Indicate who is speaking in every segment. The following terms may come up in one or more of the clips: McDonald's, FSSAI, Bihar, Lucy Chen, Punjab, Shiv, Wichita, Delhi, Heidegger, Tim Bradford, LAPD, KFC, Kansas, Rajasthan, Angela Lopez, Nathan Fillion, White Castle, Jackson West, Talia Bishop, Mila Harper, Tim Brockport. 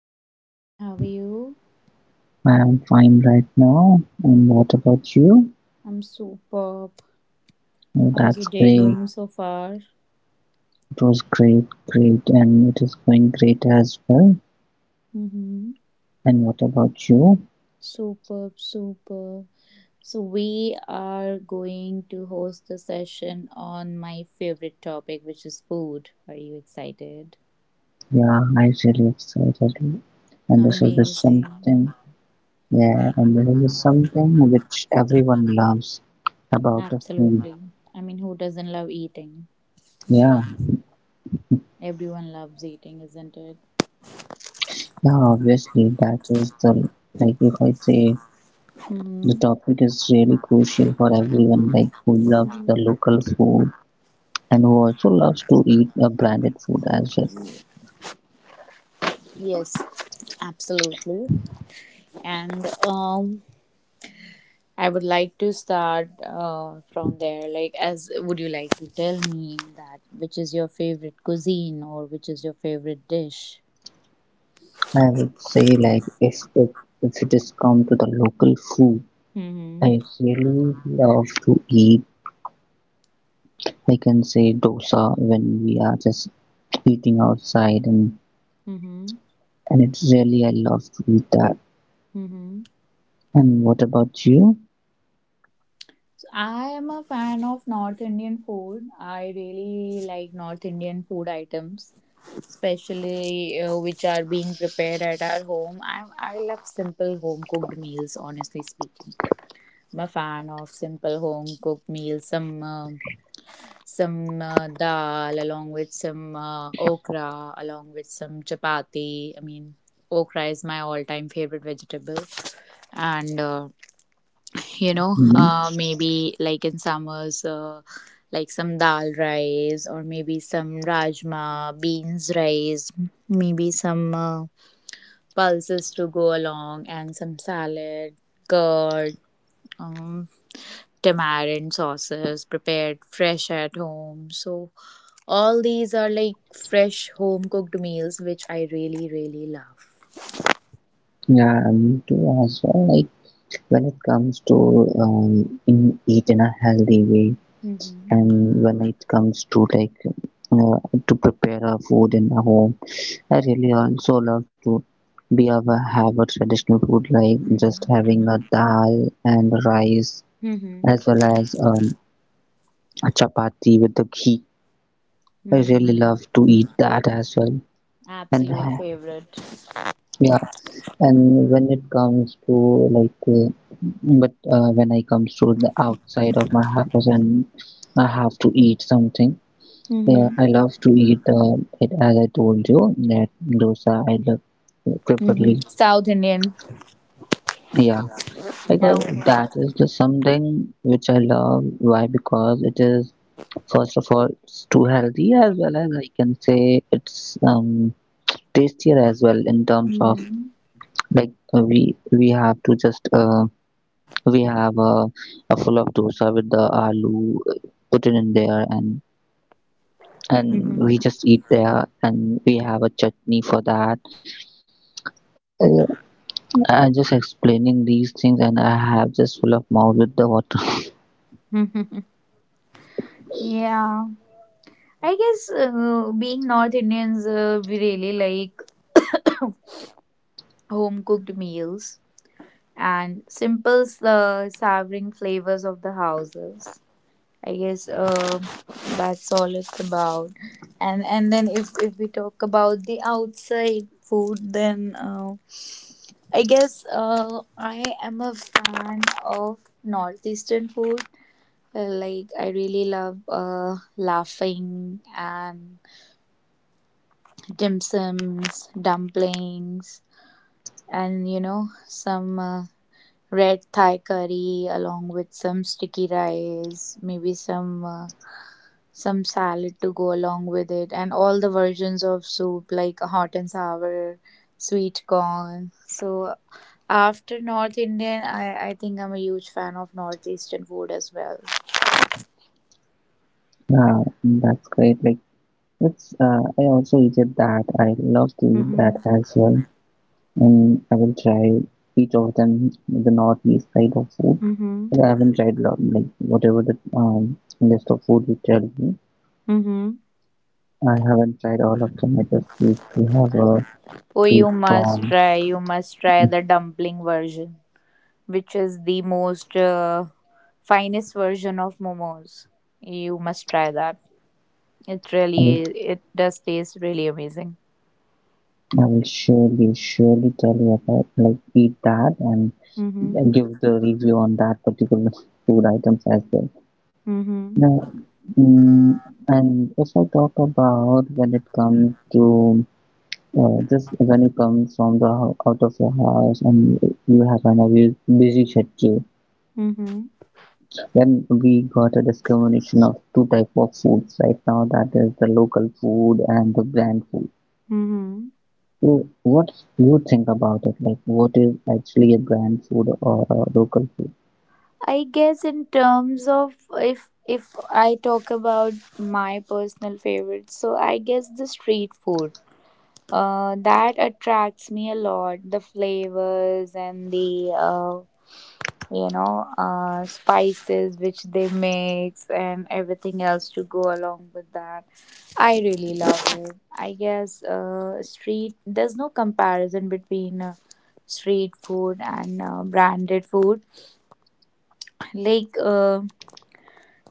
Speaker 1: Good evening. How are you?
Speaker 2: I'm fine right now. And what about you?
Speaker 1: I'm superb.
Speaker 2: Oh,
Speaker 1: How's your
Speaker 2: that's
Speaker 1: day
Speaker 2: great.
Speaker 1: going so far?
Speaker 2: It was great, great, and it is going great as well.
Speaker 1: Mm-hmm.
Speaker 2: And what about you?
Speaker 1: Superb, superb. So, we are going to host a session on my favorite topic, which is food. Are you excited?
Speaker 2: Yeah, I'm really excited. And this is the
Speaker 1: Amazing.
Speaker 2: something, Yeah, and this is the something which everyone loves about the film.
Speaker 1: Absolutely. I mean, who doesn't love eating? Right.
Speaker 2: Yeah,
Speaker 1: Everyone loves eating, isn't it?
Speaker 2: yeah, obviously that is the like if I say,
Speaker 1: Mm-hmm.
Speaker 2: the topic is really crucial for everyone, like who loves the
Speaker 1: Mm-hmm.
Speaker 2: local food and who also loves to eat a branded food as well.
Speaker 1: Yes, absolutely. And I would like to start from there. Like, as would you like to tell me that which is your favorite cuisine or which is your favorite dish?
Speaker 2: I would say, like, if it is come to the local food,
Speaker 1: Mm-hmm.
Speaker 2: I really love to eat. I can say dosa when we are just eating outside, and
Speaker 1: Mm-hmm.
Speaker 2: and it's really I love to eat that.
Speaker 1: Mm-hmm.
Speaker 2: And what about you?
Speaker 1: So I am a fan of North Indian food. I really like North Indian food items, especially which are being prepared at our home. I love simple home cooked meals, honestly speaking. I'm a fan of simple home cooked meals, some dal along with some okra along with some chapati, I mean, okra is my all time favorite vegetable, and
Speaker 2: Hmm.
Speaker 1: maybe like in summers, like some dal rice or maybe some rajma beans rice, maybe some pulses to go along, and some salad, curd, um, tamarind sauces prepared fresh at home. So all these are like fresh home cooked meals, which I really, really love.
Speaker 2: Yeah, me too as well. Like when it comes to um, in eat in a healthy way,
Speaker 1: Mm-hmm.
Speaker 2: and when it comes to, like, uh, to prepare a food in a home, I really also love to be able have a traditional food like just
Speaker 1: Mm-hmm.
Speaker 2: having a dal and rice,
Speaker 1: Mm-hmm.
Speaker 2: as well as a chapati with the ghee. I really
Speaker 1: Mm-hmm.
Speaker 2: love to eat that as well. and
Speaker 1: Absolute
Speaker 2: ha-
Speaker 1: favorite.
Speaker 2: yeah and when it comes to like but when I comes to the outside of my house and I have to eat something. Yeah,
Speaker 1: Mm-hmm.
Speaker 2: I love to eat it as I told you, that dosa I love, preferably.
Speaker 1: Mm-hmm. South Indian.
Speaker 2: Yeah, because
Speaker 1: Okay.
Speaker 2: that is the something which I love. Why? Because it is, first of all, it's too healthy, as well as, I can say, it's tastier as well in terms of,
Speaker 1: Mm-hmm.
Speaker 2: like, we have to just we have a full of dosa with the aloo, put it in there, and we just eat there, and we have a chutney for that. Uh, I just explaining these things, and I have just full of mouth with the water.
Speaker 1: Mm-hmm. Yeah. I guess being North Indians, we really like home cooked meals and simple, savoring flavors of the houses. I guess that's all it's about. And then if we talk about the outside food, then I guess I am a fan of northeastern food. Like I really love laughing and dim sums, dumplings, and some red Thai curry along with some sticky rice, maybe some salad to go along with it, and all the versions of soup like hot and sour, sweet corn. So after North Indian, I think I'm a huge fan of Northeastern food as well.
Speaker 2: Yeah, that's great. Like, I also eat that. I love to eat that
Speaker 1: Mm-hmm.
Speaker 2: as well, and I will try each of them, the northeast side of food.
Speaker 1: Mm-hmm.
Speaker 2: I haven't tried lot, like, whatever the list of food you tell me.
Speaker 1: Mm-hmm.
Speaker 2: I haven't tried all of them. I just used to have a
Speaker 1: Oh,
Speaker 2: sweet corn.
Speaker 1: you must try the dumpling version, which is the most finest version of momos. You must try that. It
Speaker 2: I
Speaker 1: really, it does taste really amazing.
Speaker 2: I will surely, surely tell you about, like, eat that and
Speaker 1: Mm-hmm.
Speaker 2: give the review on that particular food items as well.
Speaker 1: Mm-hmm.
Speaker 2: Now, mm, and if I talk about, when it comes to, just when it comes from the out of your house and you have an obvious busy schedule,
Speaker 1: Mm-hmm.
Speaker 2: then we got a discrimination of two type of foods right now. That is the local food and the brand food.
Speaker 1: Mm-hmm.
Speaker 2: So what you think about it? Like what is actually a brand food or a local food?
Speaker 1: I guess in terms of if I talk about my personal favorites, so I guess the street food. That attracts me a lot. The flavors and the spices which they mix and everything else to go along with that. I really love it. I guess street. There's no comparison between. Street food and branded food, like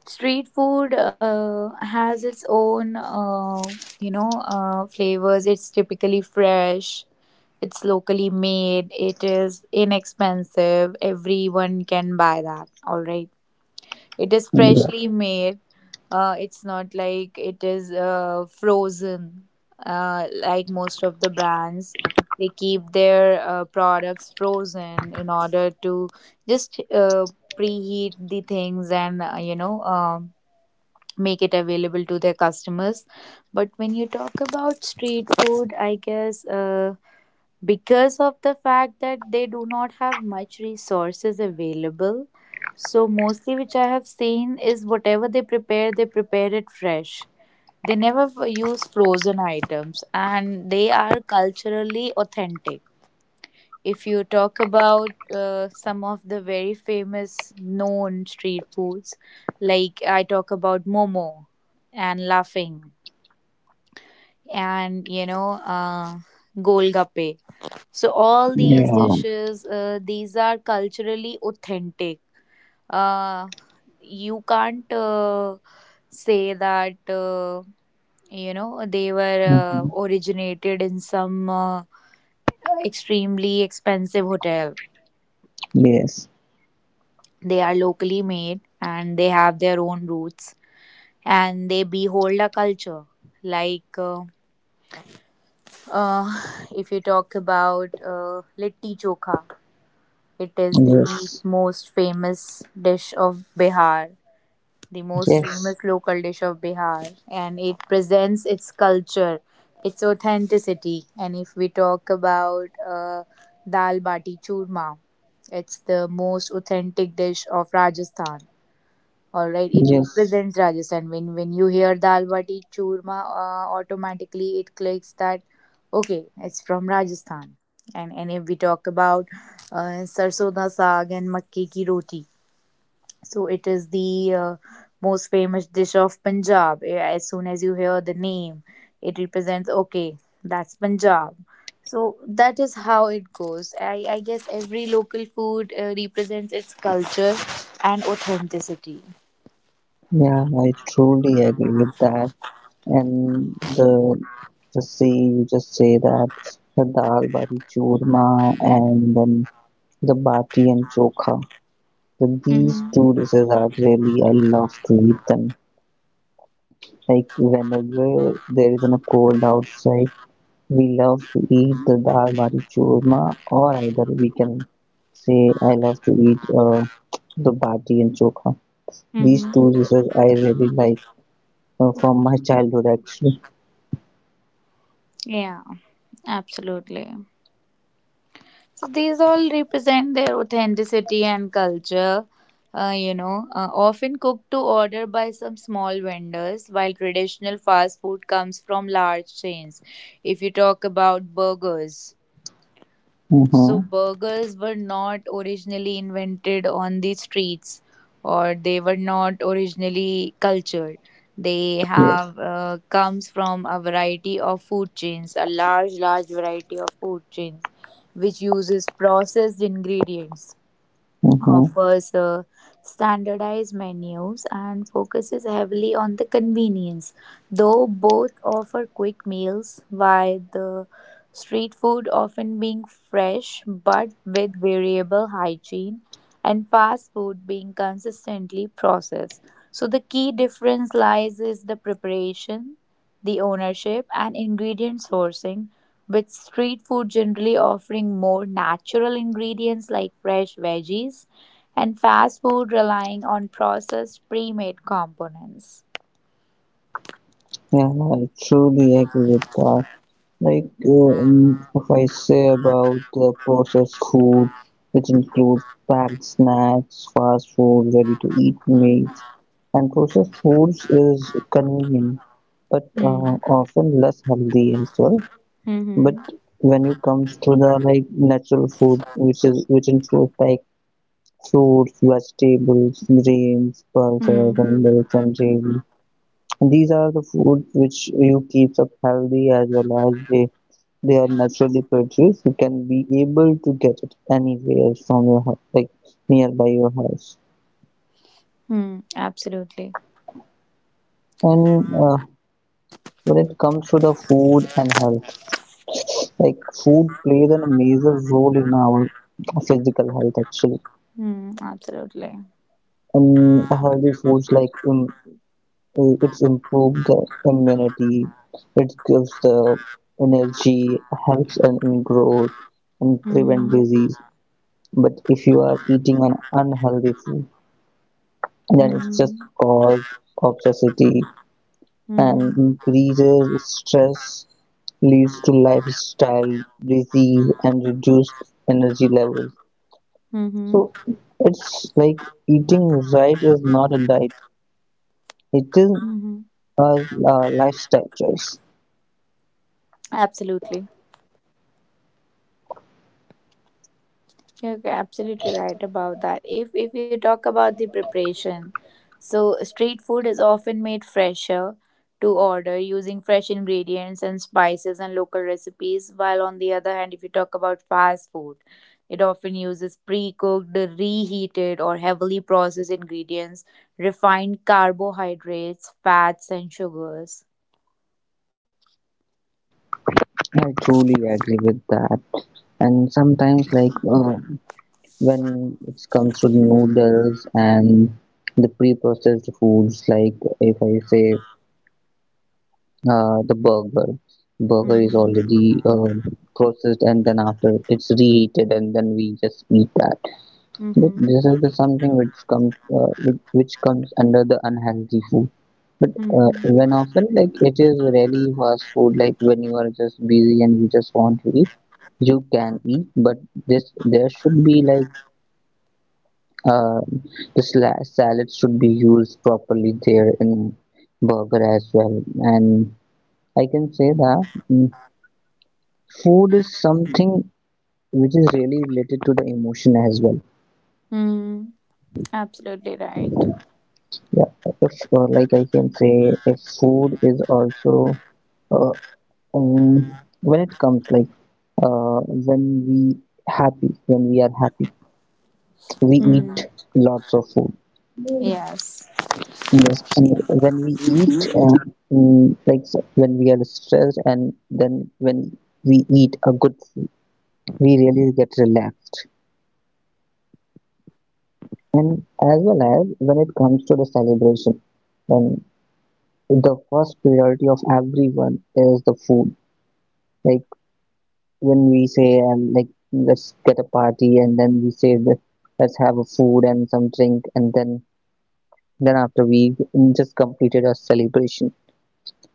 Speaker 1: street food has its own flavors. It's typically fresh, it's locally made, it is inexpensive, everyone can buy that, all right, it is
Speaker 2: Yeah,
Speaker 1: freshly made. It's not like it is frozen. Like most of the brands, they keep their products frozen in order to just preheat the things and make it available to their customers. But when you talk about street food, I guess, because of the fact that they do not have much resources available, so mostly which I have seen is whatever they prepare it fresh. They never use frozen items, and they are culturally authentic. If you talk about some of the very famous known street foods, like I talk about Momo and Laughing and Golgappe, so all these
Speaker 2: yeah.
Speaker 1: dishes, these are culturally authentic. Uh, you can't say that, they were
Speaker 2: Mhm.
Speaker 1: originated in some extremely expensive hotel.
Speaker 2: Yes,
Speaker 1: They are locally made and they have their own roots, and they behold a culture. Like uh, uh, if you talk about litti chokha, it is the
Speaker 2: yes,
Speaker 1: most famous dish of Bihar, the most
Speaker 2: yes,
Speaker 1: famous local dish of Bihar, and it presents its culture, its authenticity. And if we talk about dal bati churma, it's the most authentic dish of Rajasthan. All right, it
Speaker 2: yes.
Speaker 1: represents Rajasthan. When you hear dal bati churma, automatically it clicks that okay, it's from Rajasthan. And if we talk about sarson da saag and makki ki roti, so it is the uh, most famous dish of Punjab. As soon as you hear the name, it represents okay, that's Punjab. So that is how it goes. I guess every local food represents its culture and authenticity.
Speaker 2: Yeah, I truly agree with that. And the the say you just say that, the dal bati churma, and then the bati and chokha. So these two
Speaker 1: Mm-hmm.
Speaker 2: dishes are really I love to eat them. Like whenever there is a cold outside, we love to eat the dal bari churma, or either we can say I love to eat, the bati and chokha. These
Speaker 1: Mm-hmm.
Speaker 2: two dishes I really like, from my childhood, actually.
Speaker 1: Yeah, absolutely. So these all represent their authenticity and culture, often cooked to order by some small vendors, while traditional fast food comes from large chains. If you talk about burgers, so
Speaker 2: Mm-hmm.
Speaker 1: burgers were not originally invented on the streets, or they were not originally cultured. They
Speaker 2: Yes.
Speaker 1: have comes from a variety of food chains, a large, large variety of food chains, which uses processed ingredients,
Speaker 2: Mm-hmm.
Speaker 1: offers standardized menus, and focuses heavily on the convenience. Though both offer quick meals, while the street food often being fresh but with variable hygiene, and fast food being consistently processed. So the key difference lies is the preparation, the ownership, and ingredient sourcing, with street food generally offering more natural ingredients like fresh veggies, and fast food relying on processed pre-made components.
Speaker 2: Yeah, I truly agree with that. Like, if I say about the processed food, which includes packed snacks, fast food, ready-to-eat meals, and processed foods is convenient, but
Speaker 1: Mm.
Speaker 2: often less healthy as well.
Speaker 1: Mm-hmm.
Speaker 2: But when you comes to the, like, natural food, which includes, like, fruits, vegetables, grains, pulses,
Speaker 1: Mm.
Speaker 2: and milks and dairy. These are the foods which you keeps up healthy, as well as they are naturally produced. You can be able to get it anywhere from your like nearby your house.
Speaker 1: Mm. Absolutely.
Speaker 2: And when it comes to the food and health, like, food plays a major role in our physical health, actually.
Speaker 1: Mm. Absolutely.
Speaker 2: And healthy foods, like, it's improved the immunity, it gives the energy, helps and in growth, and prevent
Speaker 1: Mm-hmm.
Speaker 2: disease. But if you are eating an unhealthy food, then it's just
Speaker 1: Mm-hmm.
Speaker 2: cause obesity, and
Speaker 1: Mm.
Speaker 2: increases stress, leads to lifestyle disease and reduced energy levels. So
Speaker 1: Mm-hmm.
Speaker 2: it's like eating right is not a diet, it is
Speaker 1: Mm-hmm.
Speaker 2: a, a lifestyle choice.
Speaker 1: Absolutely. You're absolutely right about that. If you talk about the preparation, so street food is often made fresher to order using fresh ingredients and spices and local recipes, while on the other hand, if you talk about fast food, it often uses pre-cooked, reheated, or heavily processed ingredients, refined carbohydrates, fats, and sugars.
Speaker 2: I truly agree with that. And sometimes, like, when it comes to noodles and the pre-processed foods, like, if I say the burger. Burger is
Speaker 1: Mm-hmm.
Speaker 2: already processed, and then after it's reheated, and then we just eat that. But
Speaker 1: Mm-hmm.
Speaker 2: this is the something which comes under the unhealthy food. But
Speaker 1: Mm-hmm.
Speaker 2: when often, like, it is really fast food. Like when you are just busy and you just want to eat, you can eat. But this there should be like, uh, the salad should be used properly there in burger as well. And I can say that. Food is something which is really related to the emotion as well.
Speaker 1: Mm, absolutely right.
Speaker 2: Yeah, if like, I can say, if food is also uh, when it comes, like, uh, when we when we are happy, we
Speaker 1: Mm,
Speaker 2: eat lots of food.
Speaker 1: yes.
Speaker 2: Yes. And when we eat uh, mm, like s- when we are stressed, and then when we eat a good food, we really get relaxed. And as well as, when it comes to the celebration, when the first priority of everyone is the food. Like when we say, and like, let's get a party, and then we say that, let's have a food and some drink, and then after, we just completed our celebration.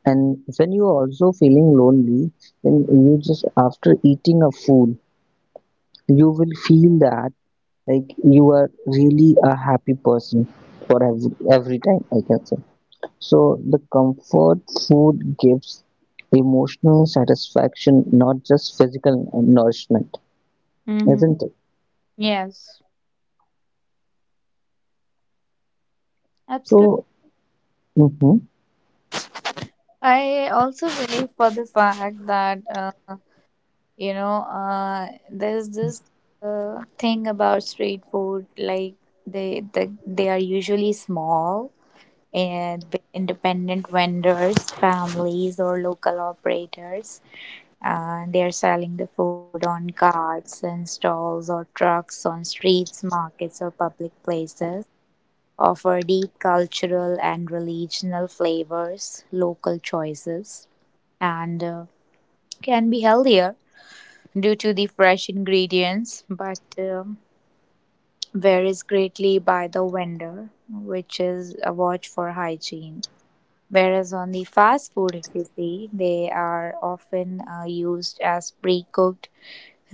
Speaker 2: And when you are also feeling lonely, then you just, after eating a food, you will feel that, like, you are really a happy person for every time, I can say. So the comfort food gives emotional satisfaction, not just physical nourishment,
Speaker 1: Mm-hmm.
Speaker 2: isn't it?
Speaker 1: Yes, absolutely.
Speaker 2: So, hmm.
Speaker 1: I also believe for the fact that, there's this thing about street food, like they are usually small and with independent vendors, families or local operators, and they are selling the food on carts and stalls or trucks on streets, markets or public places, offer deep cultural and regional flavors, local choices, and can be healthier due to the fresh ingredients, but um varies greatly by the vendor, which is a watch for hygiene. Whereas on the fast food, if you see, they are often used as pre cooked,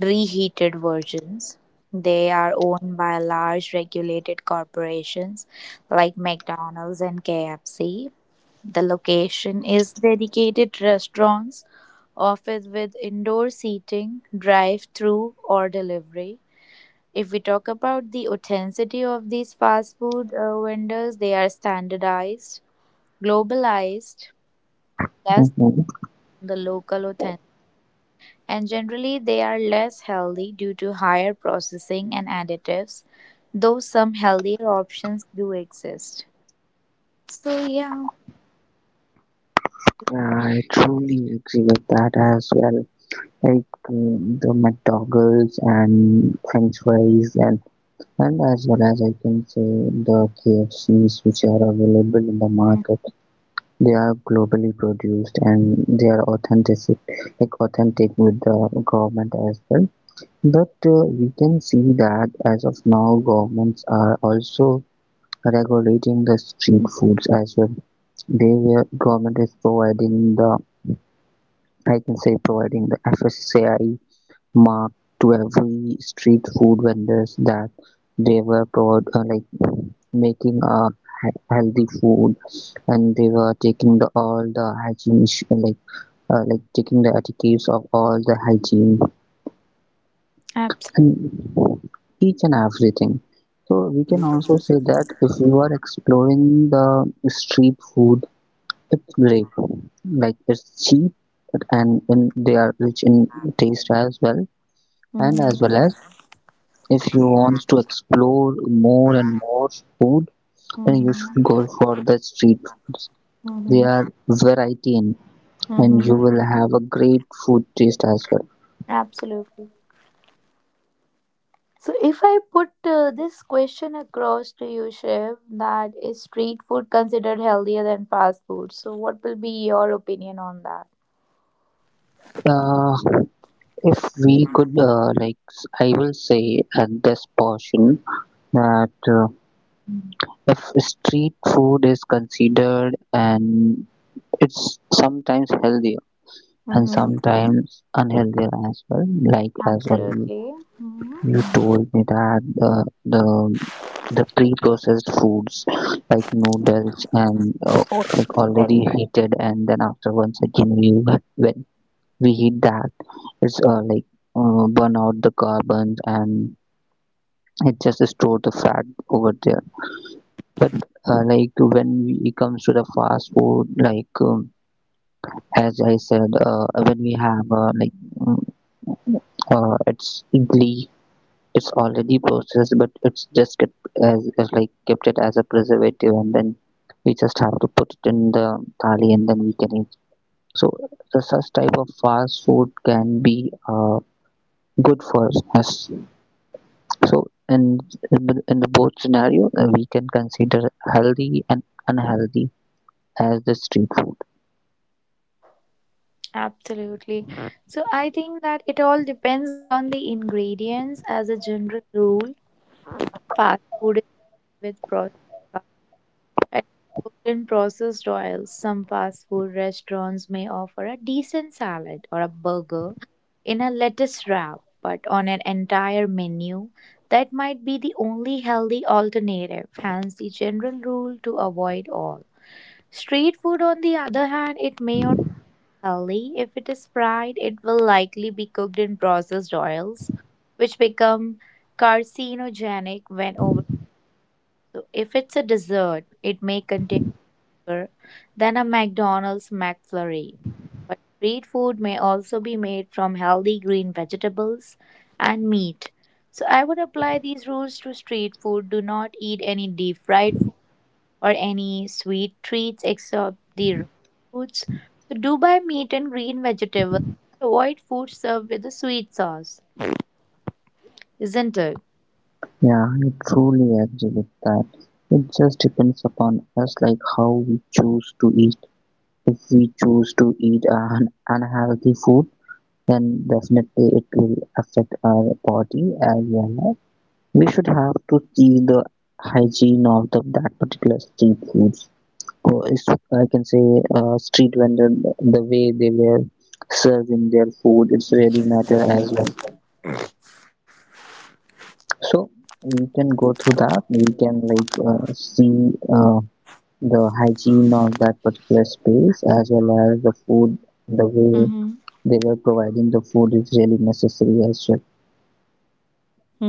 Speaker 1: reheated versions. They are owned by large regulated corporations like McDonald's and KFC. The location is dedicated restaurants, office with indoor seating, drive through, or delivery. If we talk about the authenticity of these fast food vendors, they are standardized, globalized, less
Speaker 2: Hmm.
Speaker 1: than the local authentic, and generally they are less healthy due to higher processing and additives, though some healthier options do exist. So yeah,
Speaker 2: I truly agree with that as well. Like, the McDonald's and French fries, and as well as, I can say, the KFCs which are available in the
Speaker 1: mm,
Speaker 2: market. They are globally produced and they are authentic, like authentic with the government as well. But we can see that as of now, governments are also regulating the street foods as well. They were government is providing the I can say, providing the FSSAI mark to every street food vendors, that they were provide, like, making a healthy food, and they were taking the all the hygiene issue, like, like taking the etiquettes of all the hygiene,
Speaker 1: abs-
Speaker 2: and each and everything. So we can also say that if you are exploring the street food, it's great. Like it's cheap, and they are rich in taste as well. And as
Speaker 1: mhm,
Speaker 2: well as, if you want to explore more and more food, then you
Speaker 1: mhm,
Speaker 2: should go for the street foods. They
Speaker 1: mhm,
Speaker 2: are variety in, and
Speaker 1: mhm,
Speaker 2: you will have a great food taste as well.
Speaker 1: absolutely. So if I put this question across to you, Shiv, that is street food considered healthier than fast food? So what will be your opinion on that?
Speaker 2: Uh, If we could, like, I will say at this portion that if street food is considered, and it's sometimes healthier and
Speaker 1: Mm-hmm.
Speaker 2: sometimes unhealthier as well, like as well, you
Speaker 1: Absolutely. Mm-hmm.
Speaker 2: you told me that the the pre-processed foods, like noodles, and like, already heated, and then after, once again, we when we heat that, it's like, burn out the carbons, and it just store the fat over there. But like, when we it comes to the fast food, like, as I said, when we have, like, mm, it's idli, it's already processed, but it's just kept it as a preservative, and then we just have to put it in the thali, and then we can eat. So the such type of fast food can be, uh, good for us. So in in the both scenario, we can consider healthy and unhealthy as the street food.
Speaker 1: Absolutely. So I think that it all depends on the ingredients as a general rule. Fast food is with processed fat and cooked in processed oils. Some fast food restaurants may offer a decent salad or a burger in a lettuce wrap, but on an entire menu, that might be the only healthy alternative, hence the general rule to avoid all. Street food, on the other hand, it may or only if it is fried, it will likely be cooked in processed oils, which become carcinogenic when over. So if it's a dessert, it may contain sugar than a McDonald's McFlurry. But street food may also be made from healthy green vegetables and meat. So I would apply these rules to street food. Do not eat any deep fried food or any sweet treats except the raw foods. So do buy meat and green vegetables. Avoid food served with a sweet sauce, isn't it?
Speaker 2: Yeah, I truly agree with that. It just depends upon us, like how we choose to eat. If we choose to eat an unhealthy food, then definitely it will affect our body as well. We should have to see the hygiene of that particular street food. Or is, I can say, street vendor, the way they were serving their food, it's really matter as well. So we can go through that, we can like, see, the hygiene of that particular space, as well as the food,
Speaker 1: Mm-hmm.
Speaker 2: the way they were providing the food is really necessary as well.
Speaker 1: Mm-hmm.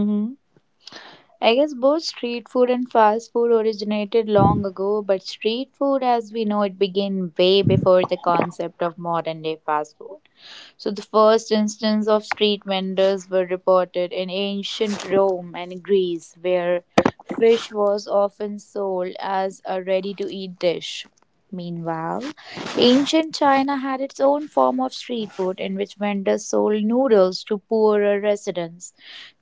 Speaker 1: I guess both street food and fast food originated long ago, but street food as we know it began way before the concept of modern day fast food. So the first instance of street vendors were reported in ancient Rome and Greece, where fish was often sold as a ready-to-eat dish. Meanwhile, ancient China had its own form of street food in which vendors sold noodles to poorer residents.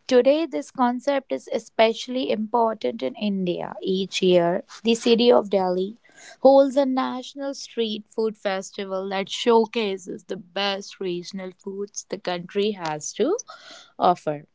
Speaker 1: Today, this concept is especially important in India. Each year, the city of Delhi holds a national street food festival that showcases the best regional foods the country has to offer.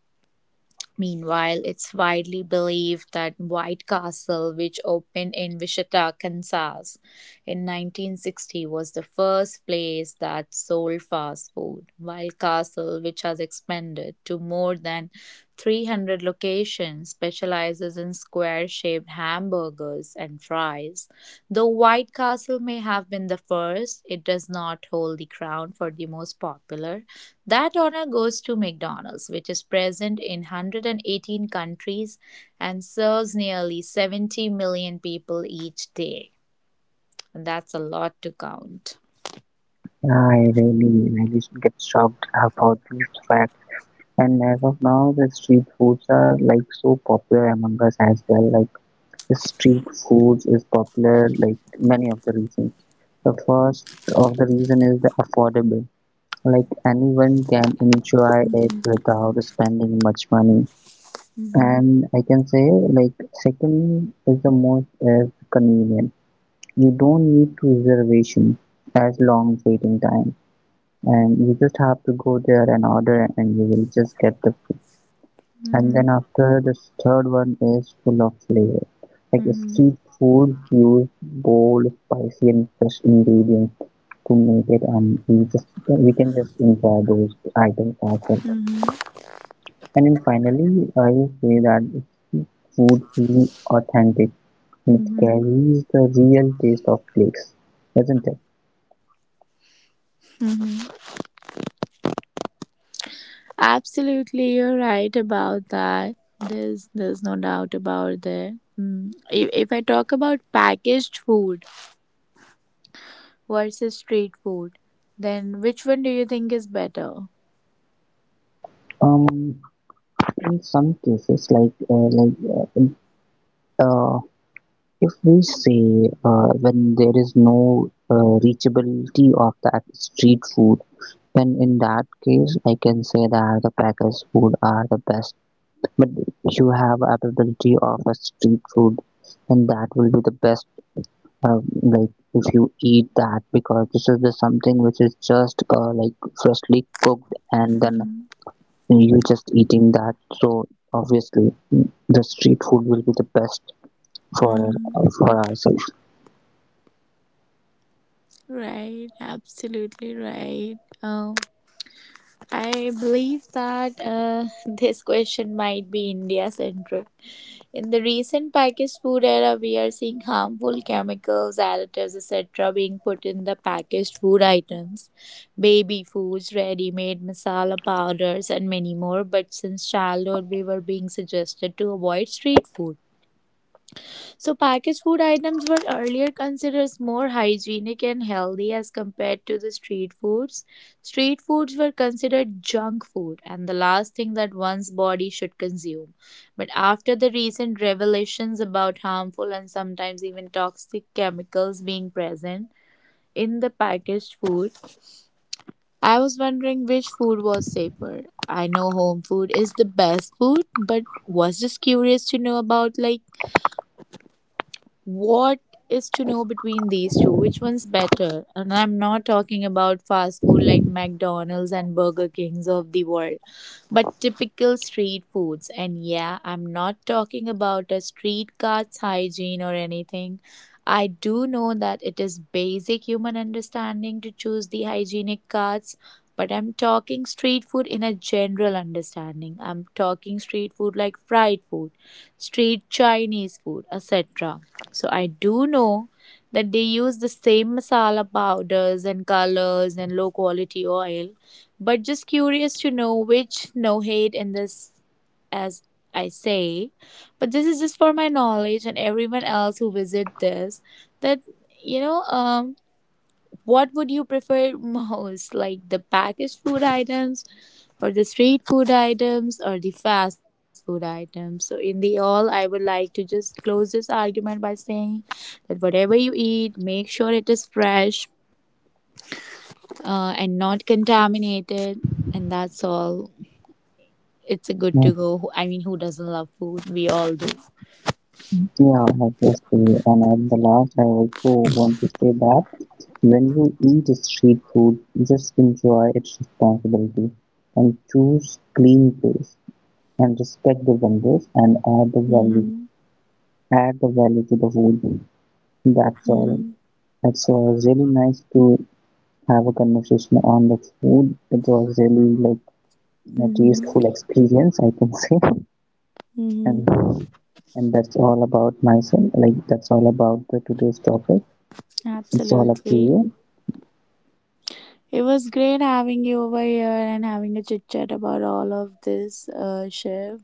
Speaker 1: Meanwhile, it's widely believed that White Castle, which opened in Wichita, Kansas in 1960, was the first place that sold fast food, while Castle, which has expanded to more than 300 locations, specializes in square shaped hamburgers and fries. Though White Castle may have been the first, it does not hold the crown for the most popular. That honor goes to McDonald's, which is present in 118 countries and serves nearly 70 million people each day. And that's a lot to count.
Speaker 2: Yeah, I really really get shocked about these facts. And as of now, the street foods are like so popular among us as well, like, street food is popular, like, many of the reasons. The first of the reason is the affordable. Like, anyone can enjoy it without spending much money.
Speaker 1: Hmm.
Speaker 2: And I can say, like, second is the most is convenient. You don't need to reservation as long waiting time. And you just have to go there and order, and you will just get the. And then
Speaker 1: Hmm.
Speaker 2: after this, third one is full of flavor. Like
Speaker 1: Hmm.
Speaker 2: street food use bold, spicy and fresh ingredients to make it, and we can just enjoy those items as well.
Speaker 1: Hmm.
Speaker 2: And then finally, I will say that street food feels authentic, and it
Speaker 1: Hmm.
Speaker 2: carries the real taste of place, isn't it?
Speaker 1: Hmm. Absolutely, you're right about that. There's no doubt about that. Mm. If I talk about packaged food versus street food, then which one do you think is better?
Speaker 2: Um in some cases, like uh, if we say, when there is no, reachability of that street food, then in that case, I can say that the packaged food are the best. But if you have availability of a street food, then that will be the best. Like if you eat that, because this is the something which is just like freshly cooked, and then
Speaker 1: Mm-hmm.
Speaker 2: you just eating that. So obviously, the street food will be the best for ourselves.
Speaker 1: Right, absolutely right. I believe that, this question might be India centric. In the recent packaged food era, we are seeing harmful chemicals, additives, etc., being put in the packaged food items, baby foods, ready made masala powders, and many more. But since childhood, we were being suggested to avoid street food. So packaged food items were earlier considered as more hygienic and healthy as compared to the street foods. Street foods were considered junk food and the last thing that one's body should consume. But after the recent revelations about harmful and sometimes even toxic chemicals being present in the packaged food, I was wondering which food was safer. I know home food is the best food, but was just curious to know about, like, what is to know between these two? Which one's better? And I'm not talking about fast food like McDonald's and Burger Kings of the world, but typical street foods. And yeah, I'm not talking about a street cart's hygiene or anything. I do know that it is basic human understanding to choose the hygienic carts. But I'm talking street food in a general understanding. I'm talking street food like fried food, street Chinese food, etc. So I do know that they use the same masala powders and colors and low quality oil, but just curious to know which, no hate in this as I say, but this is just for my knowledge and everyone else who visit this, that you know um what would you prefer most, like the packaged food items, or the street food items, or the fast food items? So, in the all, I would like to just close this argument by saying that whatever you eat, make sure it is fresh and not contaminated, and that's all. It's a good to go. I mean, who doesn't love food? We all do.
Speaker 2: Yeah, obviously. And at the last, I also want to say that when you eat street food, just enjoy its responsibility and choose clean place and respect the vendors and
Speaker 1: Mm-hmm.
Speaker 2: add the value to the food. That's all.
Speaker 1: Mm-hmm.
Speaker 2: It was really nice to have a conversation on the food. It was really like a tasteful experience, I can say. And
Speaker 1: Mm-hmm.
Speaker 2: and that's all about myself. Like, that's all about the today's topic. It's all up to
Speaker 1: Absolutely.
Speaker 2: you.
Speaker 1: It was great having you over here and having a chit chat about all of this, Shiv.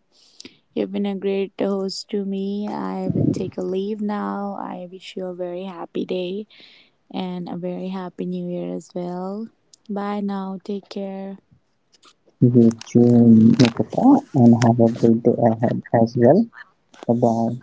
Speaker 1: You've been a great host to me. I would take a leave now. I wish you a very happy day and a very happy new year as well. Bye now. Take care.
Speaker 2: You tune make a thought, and have a great day ahead as well. Bye bye.